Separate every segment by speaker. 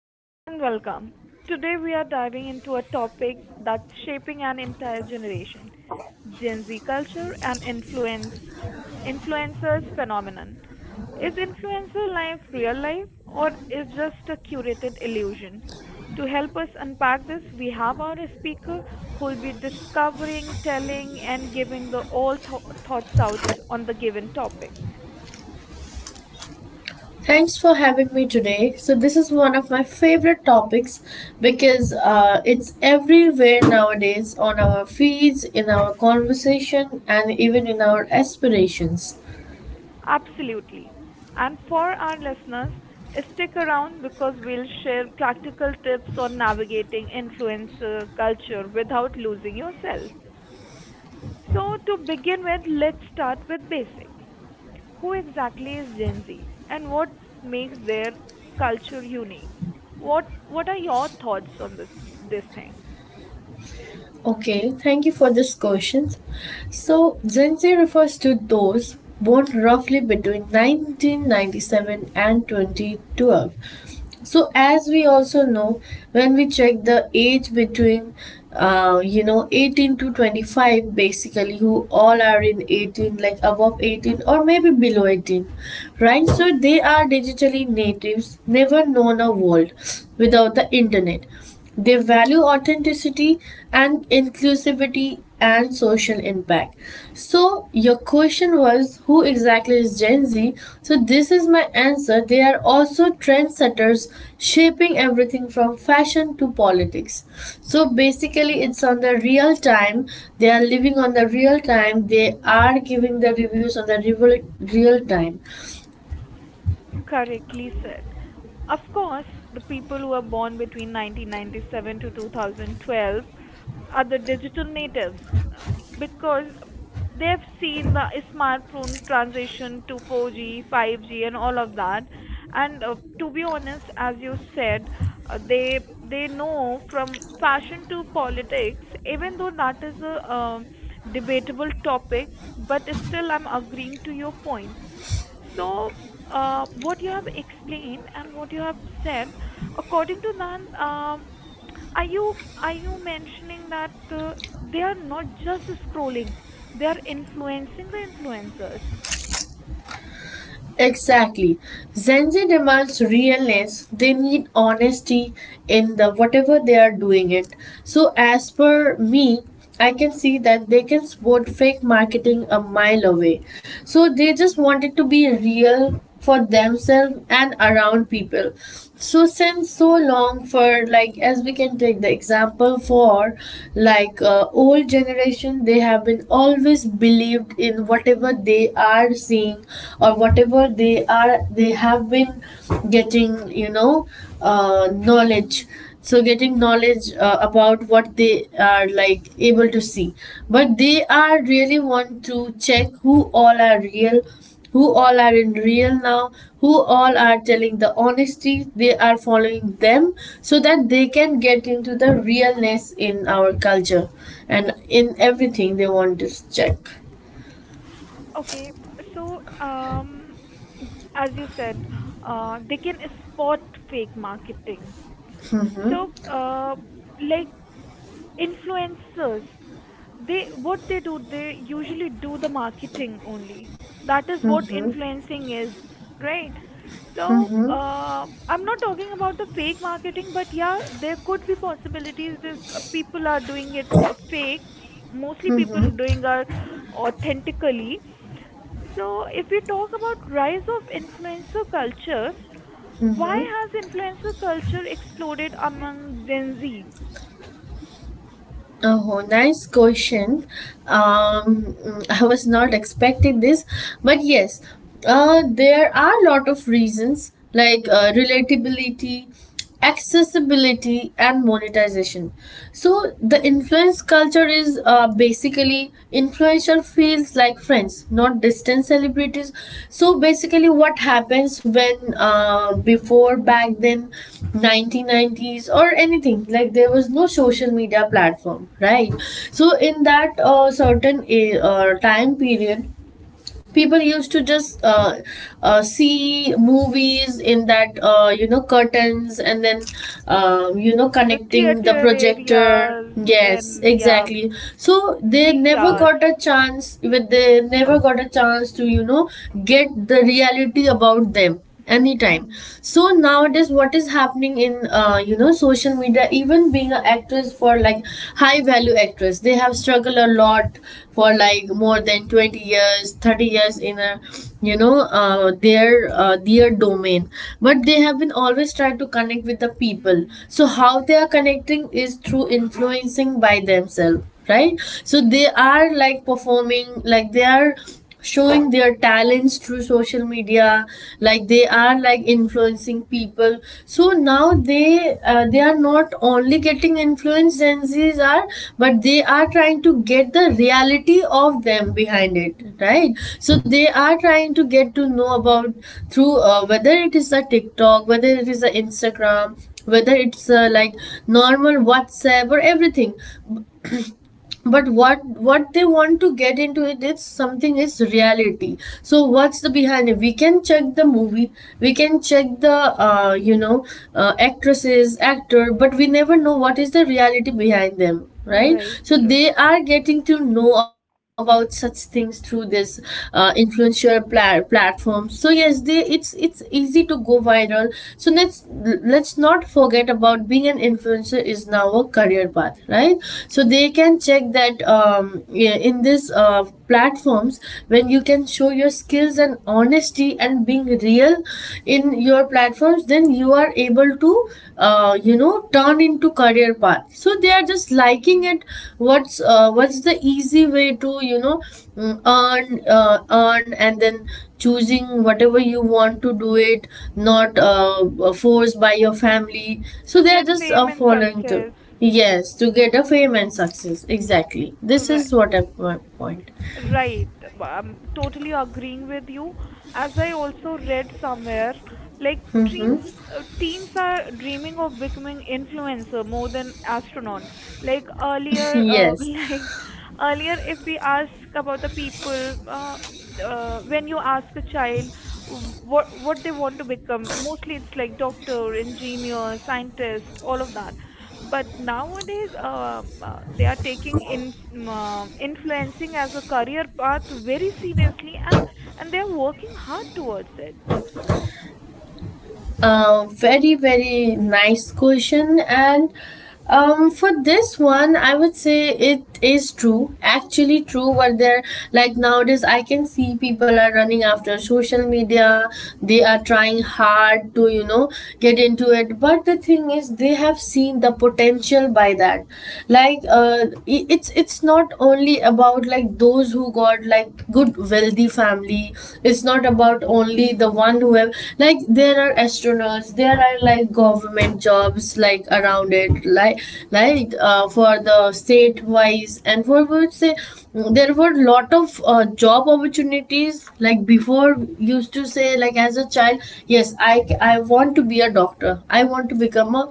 Speaker 1: Hello and welcome. Today we are diving into a topic that's shaping an entire generation, Gen Z culture and influencers phenomenon. Is influencer life real life or is just a curated illusion? To help us unpack this, we have our speaker who will be discovering, telling, and giving the all thoughts out on the given topic.
Speaker 2: Thanks for having me today. So, this is one of my favorite topics because it's everywhere nowadays on our feeds, in our conversation, and even in our aspirations.
Speaker 1: Absolutely. And for our listeners, stick around because we'll share practical tips on navigating influencer culture without losing yourself. So, to begin with, let's start with basic. Who exactly is Gen Z and what makes their culture unique? What are your thoughts on this thing?
Speaker 2: Okay, thank you for this question. So, Gen Z refers to those born roughly between 1997 and 2012. So, as we also know, when we check the age between, 18 to 25, basically, who all are in 18, like above 18 or maybe below 18, right? So,
Speaker 1: Mhm.
Speaker 2: they are digitally natives, never known a world without the internet. They value authenticity and inclusivity and social impact. So, your question was, who exactly is Gen Z? So, this is my answer. They are also trendsetters shaping everything from fashion to politics. So, basically, it's on the real time. They are living on the real time. They
Speaker 1: Mm.
Speaker 2: are giving the reviews on the real, real time.
Speaker 1: Correctly said. Of course, the people who are born between 1997 to 2012 are the digital natives uh, because they've seen the smartphone transition to 4G, 5G, and all of that. And to be honest, as you said, they know from fashion to politics, even though that is a debatable topic. But still, I'm agreeing to your point. So, what you have explained and what you have said, according to that. Are you mentioning that they are not just scrolling, they are influencing the influencers?
Speaker 2: Exactly. Zenji demands realness. They need honesty in the whatever they are doing it. So as per me, I can see that they can spot fake marketing a mile away. So they just wanted to be real for themselves and around people so since so long. For like as we can take the example for like old generation, they have been always believed in whatever they are seeing or whatever they have been getting, knowledge.
Speaker 1: Mm,
Speaker 2: So getting
Speaker 1: yes.
Speaker 2: knowledge about what they are like able to see, but they are really want to check who all are real, who all are in real now, who all are telling the honesty, they are following them so that they can get into the realness in our culture and in everything they want to check.
Speaker 1: Okay, so as you said, they can spot fake marketing. So, like influencers. They what they do, they usually do the marketing only. That is what influencing is, right? So I'm not talking about the fake marketing, but yeah, there could be possibilities this people are doing it fake. Mostly people doing are authentically. So if we talk about rise of influencer culture, why has influencer culture exploded among Gen Z?
Speaker 2: Oh, nice question. Um, I was not expecting this, but yes, there are a lot of reasons like relatability, accessibility, and monetization. So the influence culture is, basically the influencer feels like friends, not distant celebrities. So basically, what happens when, before back then, 1990s or anything, like there was no social media platform, right? So in that certain time period, people used to just see movies in that, curtains and then,
Speaker 1: The
Speaker 2: connecting the
Speaker 1: theater
Speaker 2: projector,
Speaker 1: areas,
Speaker 2: yes
Speaker 1: and yeah,
Speaker 2: exactly. So
Speaker 1: VCRs.
Speaker 2: they never got a chance to get the reality about them anytime.
Speaker 1: Mm,
Speaker 2: So nowadays what is happening in, social media, even being an actress for like high value actress, they have struggled a lot for like more than 20 years, 30 years in a, their domain. But they have been always trying to connect with the people,
Speaker 1: mm,
Speaker 2: so how they are connecting is through influencing by themselves, right? So they
Speaker 1: right,
Speaker 2: are like performing, like they are showing their talents through social media, like they are like influencing people. So now they are not only getting influenced Gen Z's are, but they are trying to get the reality of them behind it, right? So they are trying to get to know about through, whether it is a TikTok, whether it is a Instagram, whether it's like normal WhatsApp or everything. But what they want to get into it, it's something is reality. So what's the behind it, we can check the movie, we can check the actresses, actor, but we never know what is the reality behind them, right?
Speaker 1: right,
Speaker 2: So
Speaker 1: right.
Speaker 2: they are getting to know about such things through this influencer platform. So yes, they it's easy to go viral. So let's not forget about being an influencer is now a career path, right? So they can check that, yeah, in this platforms when you can show your skills and honesty and being real in your platforms, then you are able to, turned into career path. So they are just liking
Speaker 1: Mm.
Speaker 2: it. What's the easy way to, earn, and then choosing whatever you want to do it, not forced by your family. So
Speaker 1: To
Speaker 2: they are
Speaker 1: get
Speaker 2: just
Speaker 1: fame and
Speaker 2: following to,
Speaker 1: success.
Speaker 2: yes, to get a fame
Speaker 1: Mm,
Speaker 2: and success, exactly. This
Speaker 1: right.
Speaker 2: is my point.
Speaker 1: Right. I'm totally agreeing with you. As I also read somewhere, like teens, teens are dreaming of becoming influencer more than astronaut. Like earlier,
Speaker 2: Yes.
Speaker 1: if we ask about the people, when you ask a child what they want to become, mostly it's like doctor, engineer, scientist, all of that. But nowadays, they are taking in, influencing as a career path very seriously, and they are working hard towards it.
Speaker 2: Very, very nice question. And for this one, I would say it is true, actually true. But there, like nowadays, I can see people are running after social media. They are trying hard to, get into it. But the thing is, they have seen the potential by that. Like, it's not only about like those who got like good wealthy family. It's not about only the one who have level, like there are astronauts, there are like government jobs like around it, for the state wise and for would say there were lot of job opportunities. Like before used to say, like as a child, yes, I want to be a doctor, I want to become a,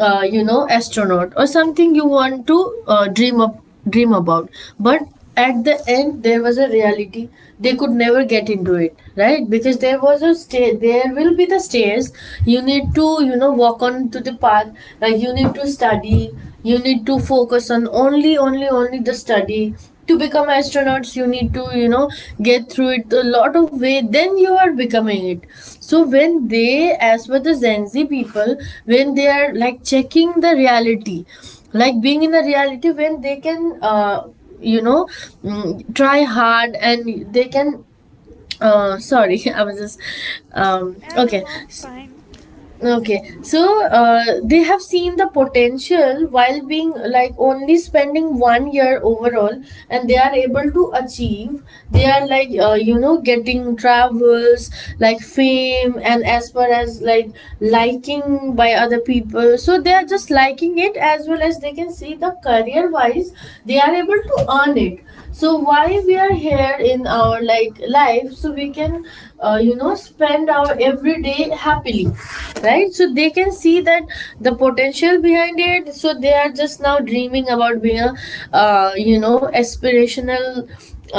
Speaker 2: astronaut or something you want to uh, dream up dream about. But at the end there was a reality, they could never get into it, right? Because there was a stair, there will be the stairs you need to, walk on to the path. Like you need to study, you need to focus on only only only the study. To become astronauts, you need to, get through it a lot of way, then you are becoming it. So when they,
Speaker 1: Hmm.
Speaker 2: as for the Gen Z people, when they are like checking the reality, like being in a reality, when they can, you know try hard and they can, sorry, I was just,
Speaker 1: Yeah, no,
Speaker 2: okay.
Speaker 1: no, it's fine.
Speaker 2: Okay, so they have seen the potential while being like only spending one year overall, and they are able to achieve. They are like, getting travels, like fame, and as far as like liking by other people. So they are
Speaker 1: Hmm.
Speaker 2: just liking it, as well as they can see the career wise, they are able to earn it. So why we are here in our like life, so we can, spend our everyday happily, right? So they can see that the potential behind it, so they are just now dreaming about being a, aspirational,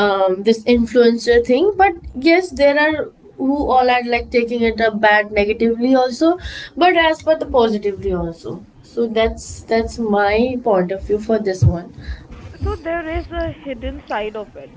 Speaker 2: this influencer thing. But yes, there are who all are like taking it up bad negatively also, but as per the positively also. So that's my point of view for this one.
Speaker 1: So there is a hidden side of it.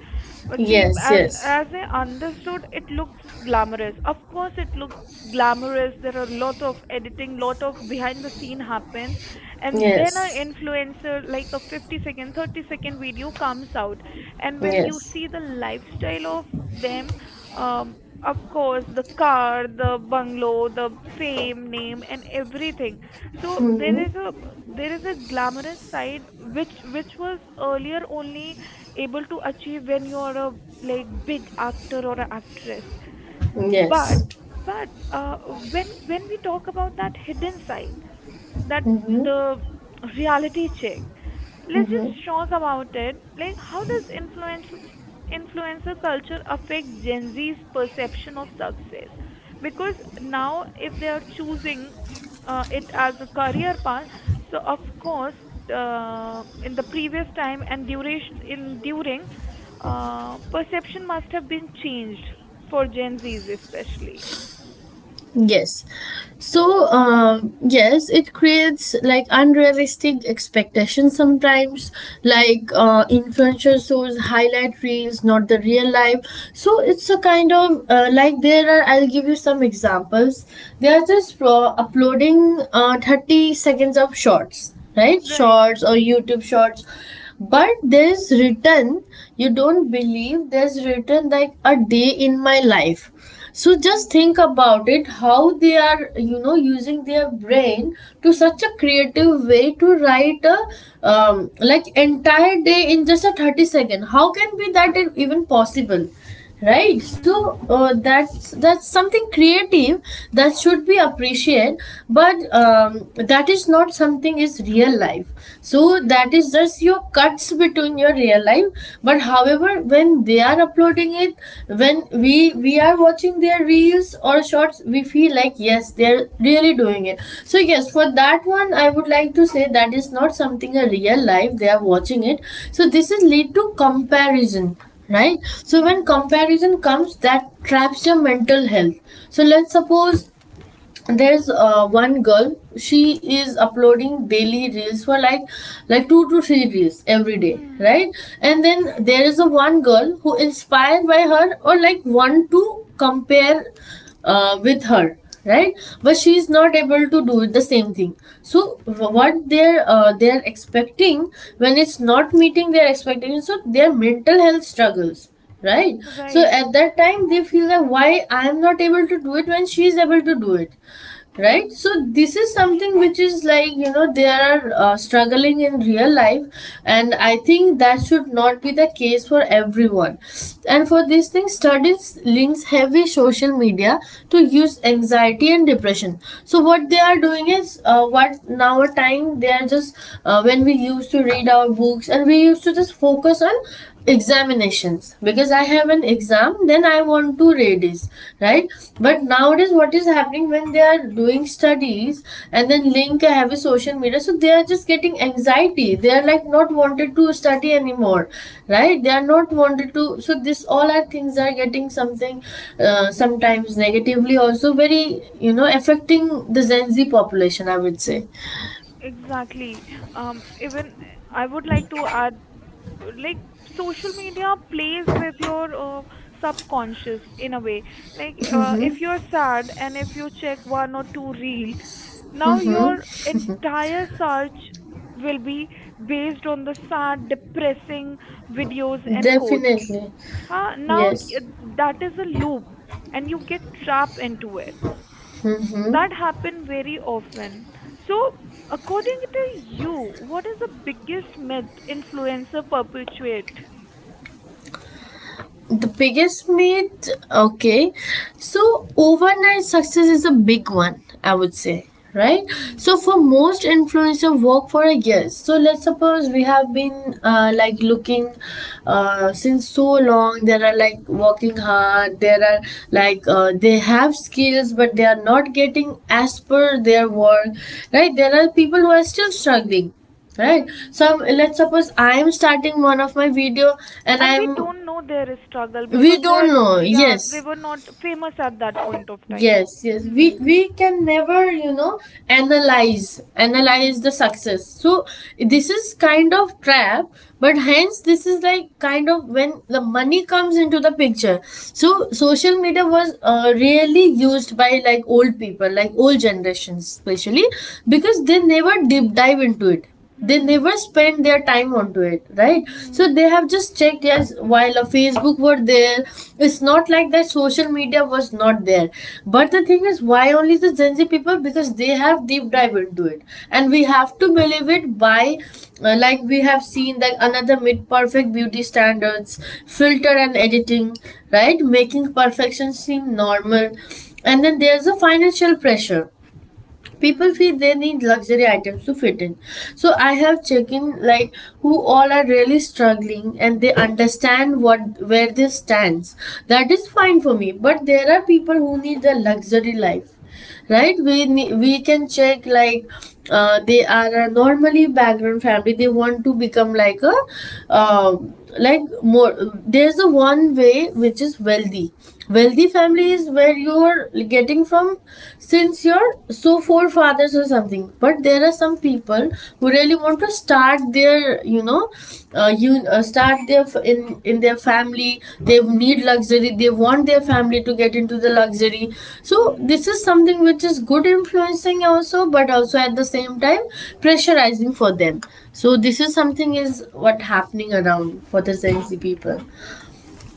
Speaker 1: But see,
Speaker 2: Yes.
Speaker 1: as
Speaker 2: Yes.
Speaker 1: as I understood, it looks glamorous. Of course, it looks glamorous. There are a lot of editing, lot of behind the scene happens, and then an
Speaker 2: Yes,
Speaker 1: influencer like a 50 second 30-second video comes out. And when you
Speaker 2: yes.
Speaker 1: see the lifestyle of them um of course, the car, the bungalow, the fame, name, and everything. So there
Speaker 2: Mm-hmm.
Speaker 1: is a there is a glamorous side, which was earlier only able to achieve when you are a like big actor or a actress.
Speaker 2: Yes.
Speaker 1: But but when we talk about that hidden side, that
Speaker 2: Mm-hmm.
Speaker 1: the reality check. Let's just talk about it. Like, how does influencer culture affect Gen Z's perception of success? Because now, if they are choosing it as a career path, so of course, in the previous time and duration in during, perception must have been changed for Gen Z's especially.
Speaker 2: Yes. So, yes, it creates like unrealistic expectations sometimes,
Speaker 1: Mhm.
Speaker 2: like influencer shows highlight reels, not the real life. So, it's a kind of, like there are, I'll give you some examples. They are just uploading 30 seconds of shorts, right?
Speaker 1: Mm, right.
Speaker 2: Shorts or YouTube shorts. But there's written, you don't believe, there's written like a day in my life. So just
Speaker 1: Mm.
Speaker 2: think about it, how they are, using their brain to such
Speaker 1: Mm.
Speaker 2: a creative way to write a, like entire day in just a 30 second. How can be that even possible? Right, so
Speaker 1: Mm.
Speaker 2: that's something creative that should be appreciated. But that is not something is real life. So
Speaker 1: Mm,
Speaker 2: that is just your cuts between your real life. But however, when they are uploading it, when we are watching their reels or shorts, we feel like yes, they're really doing it. So yes, for that one I would like to say that is not something a real life they are watching it. So this is lead to comparison, right? So when
Speaker 1: mhm,
Speaker 2: comparison comes, that traps your mental health. So let's suppose there's one girl, she is uploading daily reels for like, 2 to 3 reels every day,
Speaker 1: mm,
Speaker 2: right? And then there is a one girl who inspired by her or like want to compare with her, right? But she is not able to do it the same thing. So what they're they're expecting, when it's not meeting their expectations, so their mental health struggles, right? So
Speaker 1: right.
Speaker 2: at that time they feel that why I am not able to do it when she is able to do it, right?
Speaker 1: Mm,
Speaker 2: So this is something which is like, they are struggling in real life, and I think that should not be the case for everyone. And for this thing, studies links heavy social media to use anxiety and depression. So what they are doing is, what now a time they are just, when we used to read our books and we used to just focus on examinations because I
Speaker 1: mhm.
Speaker 2: have an exam, then I want to radies, right? But nowadays what is happening, when they are doing studies and then link I have a heavy social media, so They are just getting anxiety. They are like not wanted to study anymore, right? They are not wanted to, so this all are things are getting something sometimes negatively also very affecting the Gen Z population, I would say.
Speaker 1: Exactly. Even I would like to add, like, social media plays with your subconscious in a way. Like, if you're sad and if you check one or two reel, now your entire search will be based on the sad, depressing videos and quotes.
Speaker 2: Definitely,
Speaker 1: Huh? Now
Speaker 2: yes.
Speaker 1: that is a loop, and you get trapped into it. That happen very often. So, according to you, what is the biggest myth influencer perpetuate?
Speaker 2: The biggest myth, okay. So overnight success is a big one, I would say, right?
Speaker 1: Hmm.
Speaker 2: So for most influencers, work for a year. So let's suppose we have been like looking since so long. There are like working hard. There are like they have skills, but they are not getting as per their work, right? There are people who are still struggling, right?
Speaker 1: Hmm.
Speaker 2: So let's suppose I am starting one of my video and
Speaker 1: And we
Speaker 2: I'm
Speaker 1: don't know their struggle
Speaker 2: we
Speaker 1: because
Speaker 2: don't know.
Speaker 1: yeah, they
Speaker 2: Yes,
Speaker 1: were not famous at that point of time.
Speaker 2: yes, yes, we
Speaker 1: Hmm.
Speaker 2: we can never analyze
Speaker 1: Hmm.
Speaker 2: the success. So this is kind of trap, but hence this is like kind of when the money comes into the picture. So
Speaker 1: Hmm.
Speaker 2: social media was really used by like old people, like old generations especially, because they never deep dive into it. They
Speaker 1: Hmm.
Speaker 2: never spend their time onto it, right? So
Speaker 1: Hmm.
Speaker 2: they have just checked. Yes, while a Facebook were there, it's not like that social media was not there, but the thing is why only the Gen Z people, because they have deep dive into it. And we have to believe it by like we have seen that another mid perfect beauty standards, filter and editing, right, making perfection seem normal. And then there's a financial pressure. People
Speaker 1: Hmm.
Speaker 2: feel they need luxury items to fit in. So I have checked in like who all are really struggling and they understand what where this stands. That is fine for me, but there are people who need the luxury life, right? We can check like they are a normally background family. They want to become like a uh, like more there's a one way which is wealthy. Wealthy family is
Speaker 1: Hmm.
Speaker 2: where you're getting from, since your so forefathers or something. But there are some people who really want to start their, you know, you in their family, they need luxury. They want their family to get into the luxury. So this
Speaker 1: Hmm.
Speaker 2: is something which is good influencing also, but also at the same time pressurizing for them. So this is something is what happening around for the Gen Z people.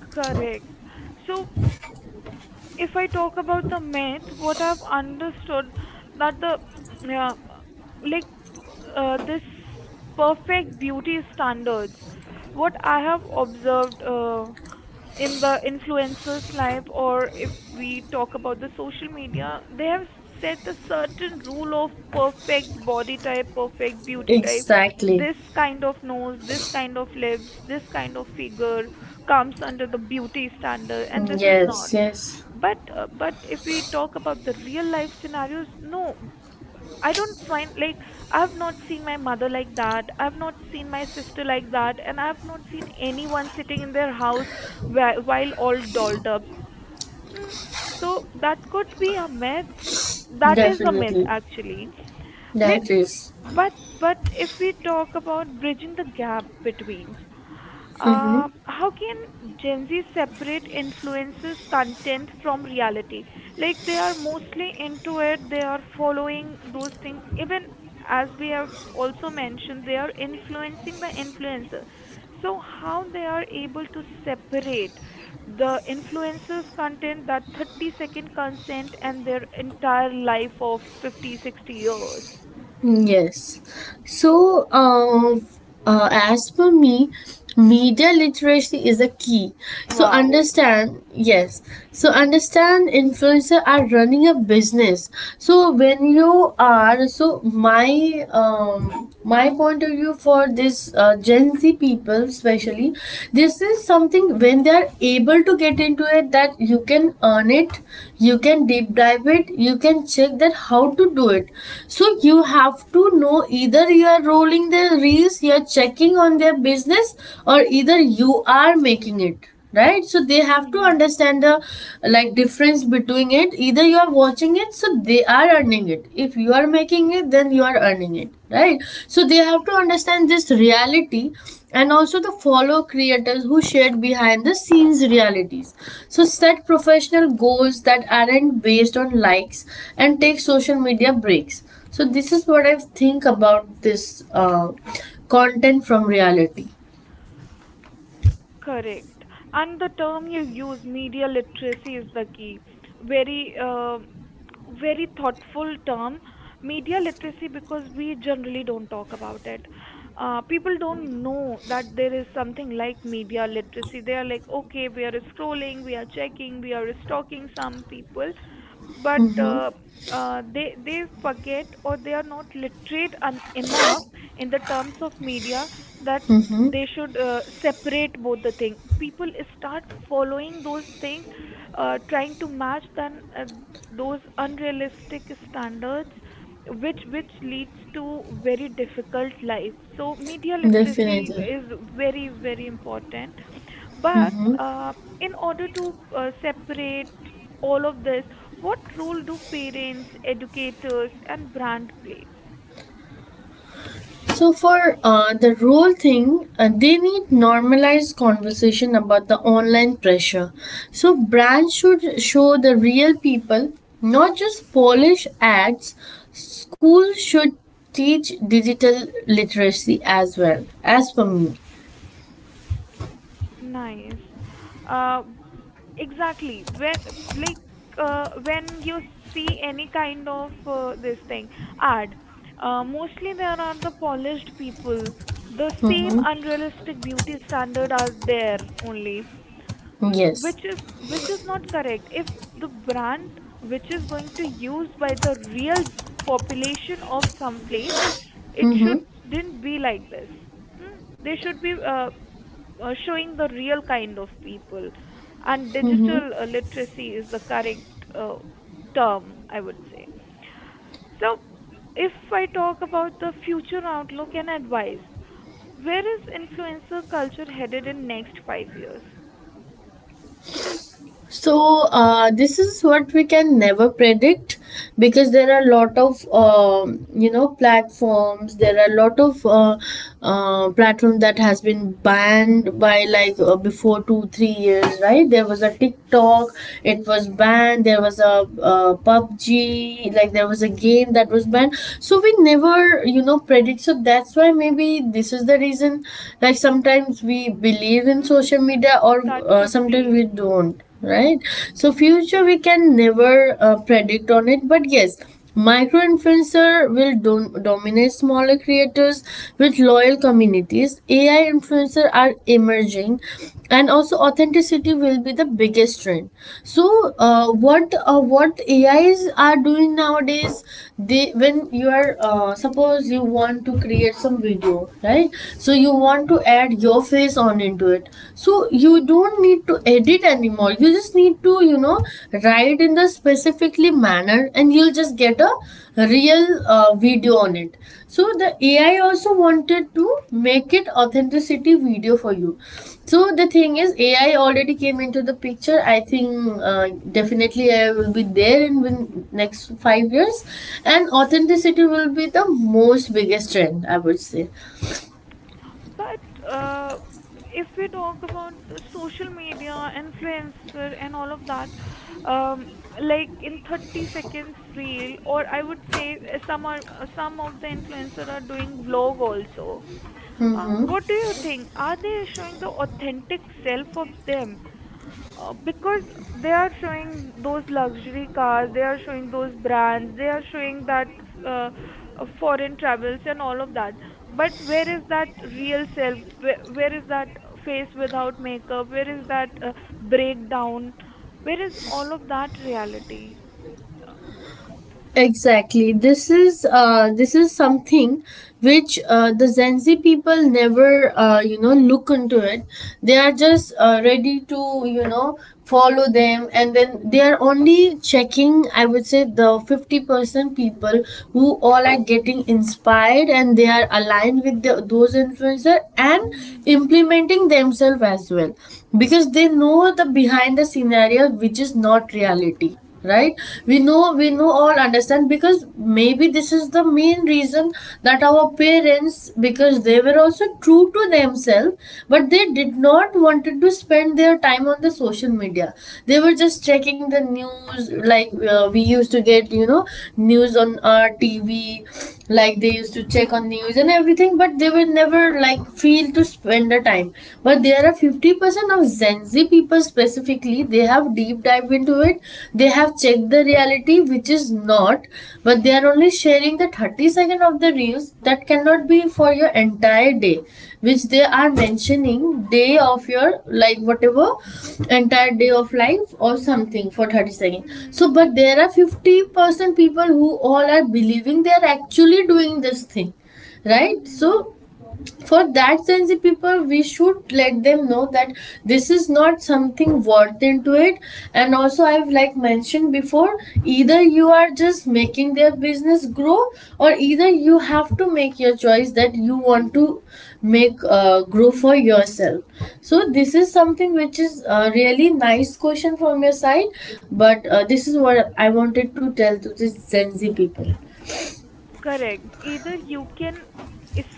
Speaker 1: Correct. So if I talk about the myth, what I've understood that the uh, like this perfect beauty standards, what I have observed. In the influencers' life, or if we talk about the social media, they have set a certain rule of perfect body type, perfect beauty type.
Speaker 2: Exactly.
Speaker 1: This kind of nose, this kind of lips, this kind of figure comes under the beauty standard, and this
Speaker 2: Mm,
Speaker 1: is not.
Speaker 2: yes, yes.
Speaker 1: But if we talk about the real life scenarios, no, I don't find like I've not seen my mother like that. I've not seen my sister like that, and I've not seen anyone sitting in their house while all dolled up. Mm. So that could be a myth. That is a myth
Speaker 2: Definitely
Speaker 1: actually. Let,
Speaker 2: that is.
Speaker 1: but but if we talk about bridging the gap between
Speaker 2: Mhm.
Speaker 1: how can Gen Z separate influences content from reality? Like they are mostly into it, they are following those things. Even as we have also mentioned, they are influencing the influencer. So how they are able to separate the influencers content, that 30-second consent and their entire life of 50, 60 years.
Speaker 2: Yes. So, as per me, media literacy is a key. So
Speaker 1: Wow.
Speaker 2: understand, yes. So understand influencer are running a business. So when you are, so my my point of view for this Gen Z people especially, this is something when they are able to get into it, that you can earn it, you can deep dive it, you can check that how to do it. So you have to know, either you are rolling the reels, you are checking on their business, or either you are making it, right? So they have to understand the like difference between it. Either you are watching it, so they are earning it. If you are making it, then you are earning it, right? So they have to understand this reality, and also the follow creators who shared behind the scenes realities. So set professional goals that aren't based on likes, and take social media breaks. So this is what I think about this content from reality.
Speaker 1: Correct. And the term you use, media literacy, is the key. Very, very thoughtful term. Media literacy, because we generally don't talk about it. People don't know that there is something like media literacy. They are like, okay, we are scrolling, we are checking, we are stalking some people, but they forget or they are not literate enough in the terms of media that they should separate both the thing people start following those things trying to match then those unrealistic standards which leads to very difficult life. So media literacy
Speaker 2: Definitely.
Speaker 1: is very very important. But in order to separate all of this, what role do parents, educators, and brand plays?
Speaker 2: So for the role thing, they need normalized conversation about the online pressure. So
Speaker 1: Mm.
Speaker 2: brands should show the real people, not just polish ads. Schools should teach digital literacy as well. As for me,
Speaker 1: Nice. Uh, exactly. Like when you see any kind of this thing ad, mostly there are the polished people. The same unrealistic beauty standard are there only. Mm,
Speaker 2: yes.
Speaker 1: which is which is not correct. If the brand which is going to use by the real population of some place, it should didn't be like this. Mm, they should be showing the real kind of people, and digital literacy is the correct term, I would say. So if I talk about the future outlook and advice, where is influencer culture headed in next 5 years?
Speaker 2: So this is what we can never predict, because there are a lot of you know, platforms. There are a lot of platform that has been banned by like before 2 3 years, right? There was a TikTok, it was banned. There was a PUBG, like there was a game that was banned. So we never, you know, predict. So that's why maybe this is the reason. Like sometimes we believe in social
Speaker 1: Th-
Speaker 2: media or
Speaker 1: that could
Speaker 2: sometimes
Speaker 1: be.
Speaker 2: we don't, right? So future we can never predict on it, but yes, micro influencer will dominate smaller creators with loyal communities. AI influencer are emerging, and also authenticity will be the biggest trend. So what AIs are doing nowadays, they when you are suppose you want to create some video, right? So you
Speaker 1: Mhm.
Speaker 2: want to add your face on it into it. So you
Speaker 1: Mm.
Speaker 2: don't need to edit anymore, you just need to, you know, write in the specifically manner and you'll just get a real video on it. So the AI also wanted to make it authenticity video for you. So the thing is AI already came into the picture, I think. Definitely AI will be there in next 5 years, and authenticity will be the most biggest trend, I would say.
Speaker 1: But if we talk about the social media, influencer, and all of that, um, like in 30 seconds reel, or I would say some of the influencer are doing vlog also. What do you think? Are they showing the authentic self of them? Because they are showing those luxury cars, they are showing those brands, they are showing that uh, foreign travels and all of that. But where is that real self? Where is that face without makeup? Where is that breakdown? Where is all of that reality? Uh,
Speaker 2: Exactly. This is something which the Gen Z people never you know look into it. They are just ready to, you know, follow them, and then they are only checking. I would say the 50% people who all are getting inspired, and they are aligned with the, those influencer and
Speaker 1: mhm.
Speaker 2: implementing themselves as well, because they know the behind the scenario which is not reality, right? We know all understand, because maybe this is the main reason that our parents, because they were also true to themselves, but they did not wanted to spend their time on the social media. They were just checking the news, like we used to get, you know, news on our TV. Like they used to check on news and everything, but they will never like feel to spend the time. But there are few 50% of Gen Z people specifically, they have deep dive into it. They have checked the reality, which is not, but they are only sharing the 30 second of the reels that cannot
Speaker 1: Mhm.
Speaker 2: be for your entire day, which they are mentioning day of your like whatever entire day of life or something for 30 second. So,
Speaker 1: Mhm.
Speaker 2: but there are 50% people who all are believing they are actually doing this thing, right?
Speaker 1: Mhm.
Speaker 2: So for that sensitive people, we should let them know that this is not something worth into it. And also I've like mentioned before, either you are just making their business grow, or either you have to make your choice that you want to make grow for yourself. So this is something which is a really nice question from your side, but this is what I wanted to tell to these Gen Z people.
Speaker 1: Correct. Either you can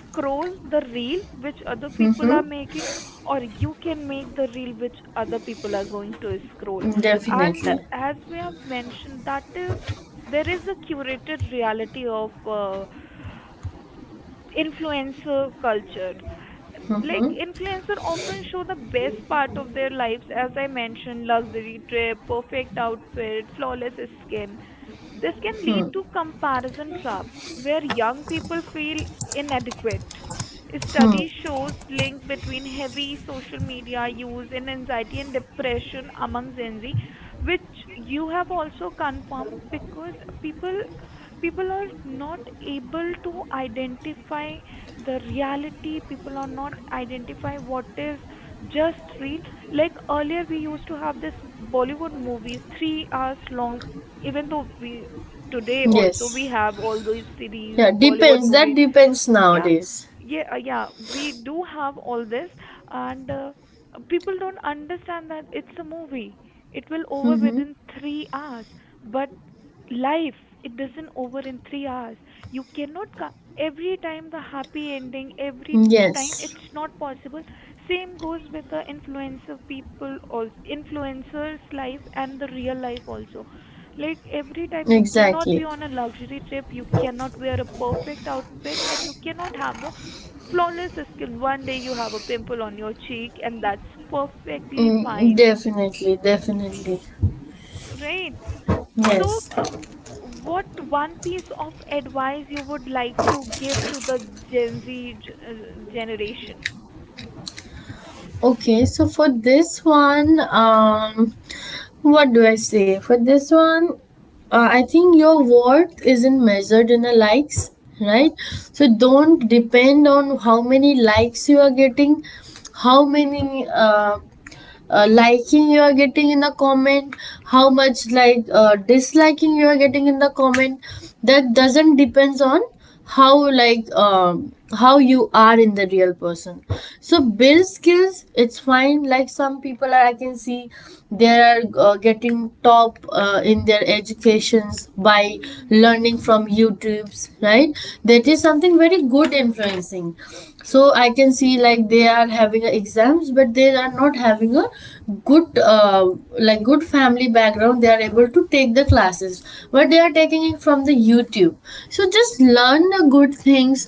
Speaker 1: scroll the reel which other people are
Speaker 2: Hmm?
Speaker 1: making, or you can make the reel which other people are going to scroll. And
Speaker 2: Definitely.
Speaker 1: as we have mentioned, that is, there is a curated reality of influencer culture. Like influencer often show the best part of their lives, as I mentioned, luxury trip, perfect outfit, flawless skin. This can lead to comparison trap where young people feel inadequate. Study shows link between heavy social media use and anxiety and depression among Gen Z, which you have also confirmed because people people are not able to identify the reality. People are not identify what is just real. Like earlier, we used to have this Bollywood movies 3 hours long, even though we today also we
Speaker 2: Yes.
Speaker 1: have all those series
Speaker 2: Yeah,
Speaker 1: bollywood
Speaker 2: depends. That
Speaker 1: movie,
Speaker 2: depends
Speaker 1: yeah,
Speaker 2: nowadays.
Speaker 1: yeah, yeah, we do have all this. And people don't understand that it's a movie, it will over
Speaker 2: Mm-hmm.
Speaker 1: within 3 hours. But life it doesn't over in 3 hours. You cannot every time the happy ending, every time
Speaker 2: Yes,
Speaker 1: it's not possible. Same goes with the influencer people also, influencers life and the real life also. Like every time you cannot be
Speaker 2: exactly.
Speaker 1: on a luxury trip, you cannot wear a perfect outfit, and you cannot have a flawless skin. One day you have a pimple on your cheek, and that's perfectly
Speaker 2: Mm,
Speaker 1: fine,
Speaker 2: definitely, definitely.
Speaker 1: right? So,
Speaker 2: Yes.
Speaker 1: what one piece of advice you would like to give to the Gen Z generation?
Speaker 2: Okay, so for this one, what do I say? For this one, I think your worth isn't measured in a likes, right? So don't depend on how many likes you are getting, how many liking you are getting in the comment, how much like disliking you are getting in the comment. That doesn't depends on how like how you are in the real person. So build skills. It's fine, like some people are, I can see they are getting top in their educations by
Speaker 1: Hmm.
Speaker 2: learning from YouTubes, right? That is something very good influencing. So I can see like they are having a exams, but they are not having a good like good family background. They are able to take the classes, but they are taking it from the YouTube. So just learn the good things,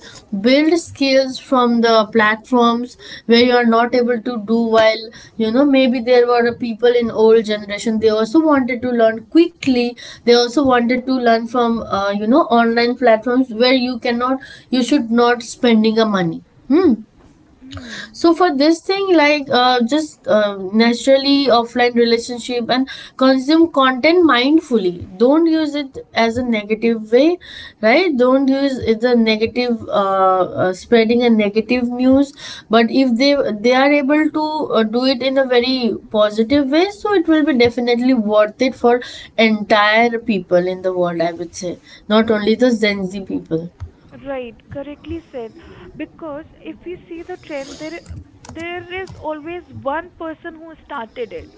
Speaker 2: build skills from the platforms where you are not able to do, while you know maybe there were people in old generation, they also wanted to learn quickly. They also wanted to learn from you know, online platforms where you cannot, you should not spending a money. Hmm.
Speaker 1: Hmm.
Speaker 2: So for this thing, like just naturally offline relationship and consume content mindfully. Don't use it as a negative way, right? Don't use it the negative spreading a negative news. But if they are able to do it in a very positive way, so it will be definitely worth it for entire people in the world, I would say, not only the Gen Z people.
Speaker 1: Right, correctly said. Because if we see the trend, there is always one person who started it.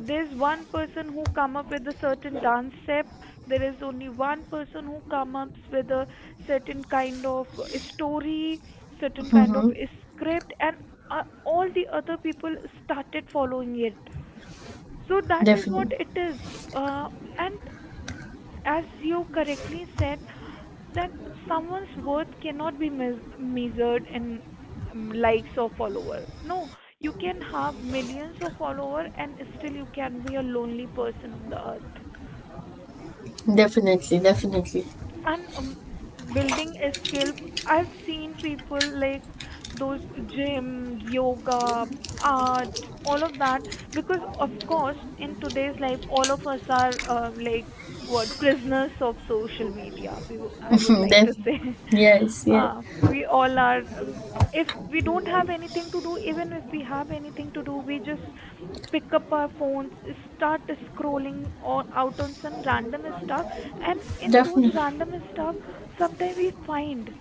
Speaker 1: There's one person who come up with a certain dance step. There is only one person who come up with a certain kind of story, certain kind of
Speaker 2: Hmm.
Speaker 1: script, and all the other people started following it. So that is what
Speaker 2: Definitely,
Speaker 1: it is. Uh, and as you correctly said, that someone's worth cannot be measured in likes or follower. No, you can have millions of follower and still you can be a lonely person on the earth.
Speaker 2: definitely, definitely.
Speaker 1: And building a skill, I've seen people like those gym, yoga, art, all of that. Because of course in today's life all of us are like what, prisoners of social media, I would like to
Speaker 2: Def-
Speaker 1: say.
Speaker 2: yes, yes,
Speaker 1: We all are, if we don't have anything to do, even if we have anything to do, we just pick up our phones, start scrolling or out on some random stuff. And in those
Speaker 2: definitely,
Speaker 1: random stuff sometimes we find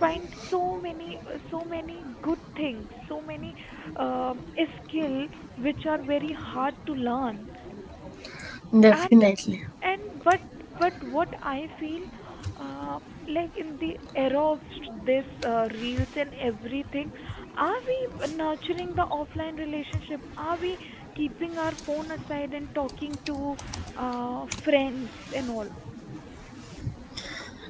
Speaker 1: find so many good things, so many um skill, which are very hard to learn. And
Speaker 2: definitely.
Speaker 1: and but but what I feel, uh, like in the era of this reels and everything, are we nurturing the offline relationship, are we keeping our phone aside and talking to friends and all?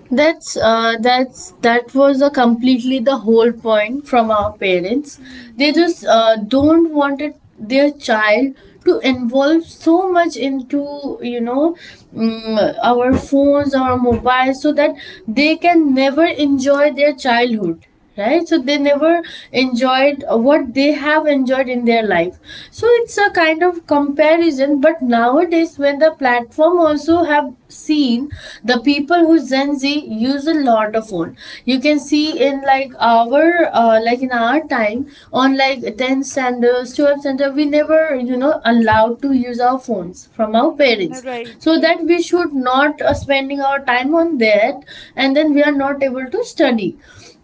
Speaker 2: That's that was a completely the whole point from our parents.
Speaker 1: Mm.
Speaker 2: They just don't wanted their child to involve so much into, you know, mm, our phones, our mobiles, so that they can never enjoy their childhood, right? So they never
Speaker 1: Mm,
Speaker 2: enjoyed what they have enjoyed in their life. So it's a kind of comparison, but nowadays when the platform also have seen the people who Gen Z use a lot of phone, you can see
Speaker 1: mm,
Speaker 2: in like our like in our time on like 10 standards 12 standard, we never, you know, allowed to use our phones from our
Speaker 1: mm,
Speaker 2: parents,
Speaker 1: right,
Speaker 2: so that
Speaker 1: right.
Speaker 2: we should not spending our time on that, and then we are not able to study.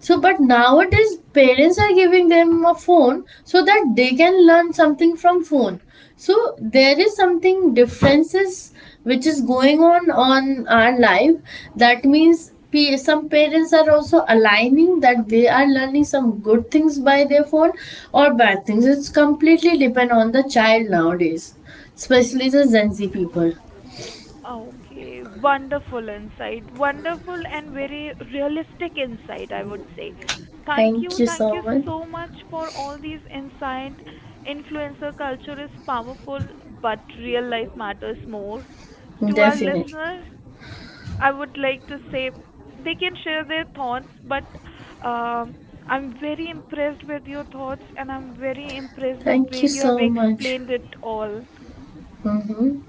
Speaker 2: So, but nowadays parents are giving them a phone so that they can learn something from phone. So there is something differences which is going on our life. That means some parents are also aligning that they are learning some good things by their phone or bad things. It's completely depend on the child nowadays, especially the Gen Z people.
Speaker 1: Ah, okay, wonderful insight. Wonderful and very realistic insight, I would say. Thank you.
Speaker 2: Thank you
Speaker 1: Thank you
Speaker 2: so much.
Speaker 1: so much for all these insight. Influencer culture is powerful, but real life matters more. To our
Speaker 2: Definitely.
Speaker 1: listeners, I would like to say they can share their thoughts, but um, I'm very impressed with your thoughts and I'm very impressed the way
Speaker 2: Thank you
Speaker 1: you have
Speaker 2: so much.
Speaker 1: explained it all.
Speaker 2: Mm-hmm.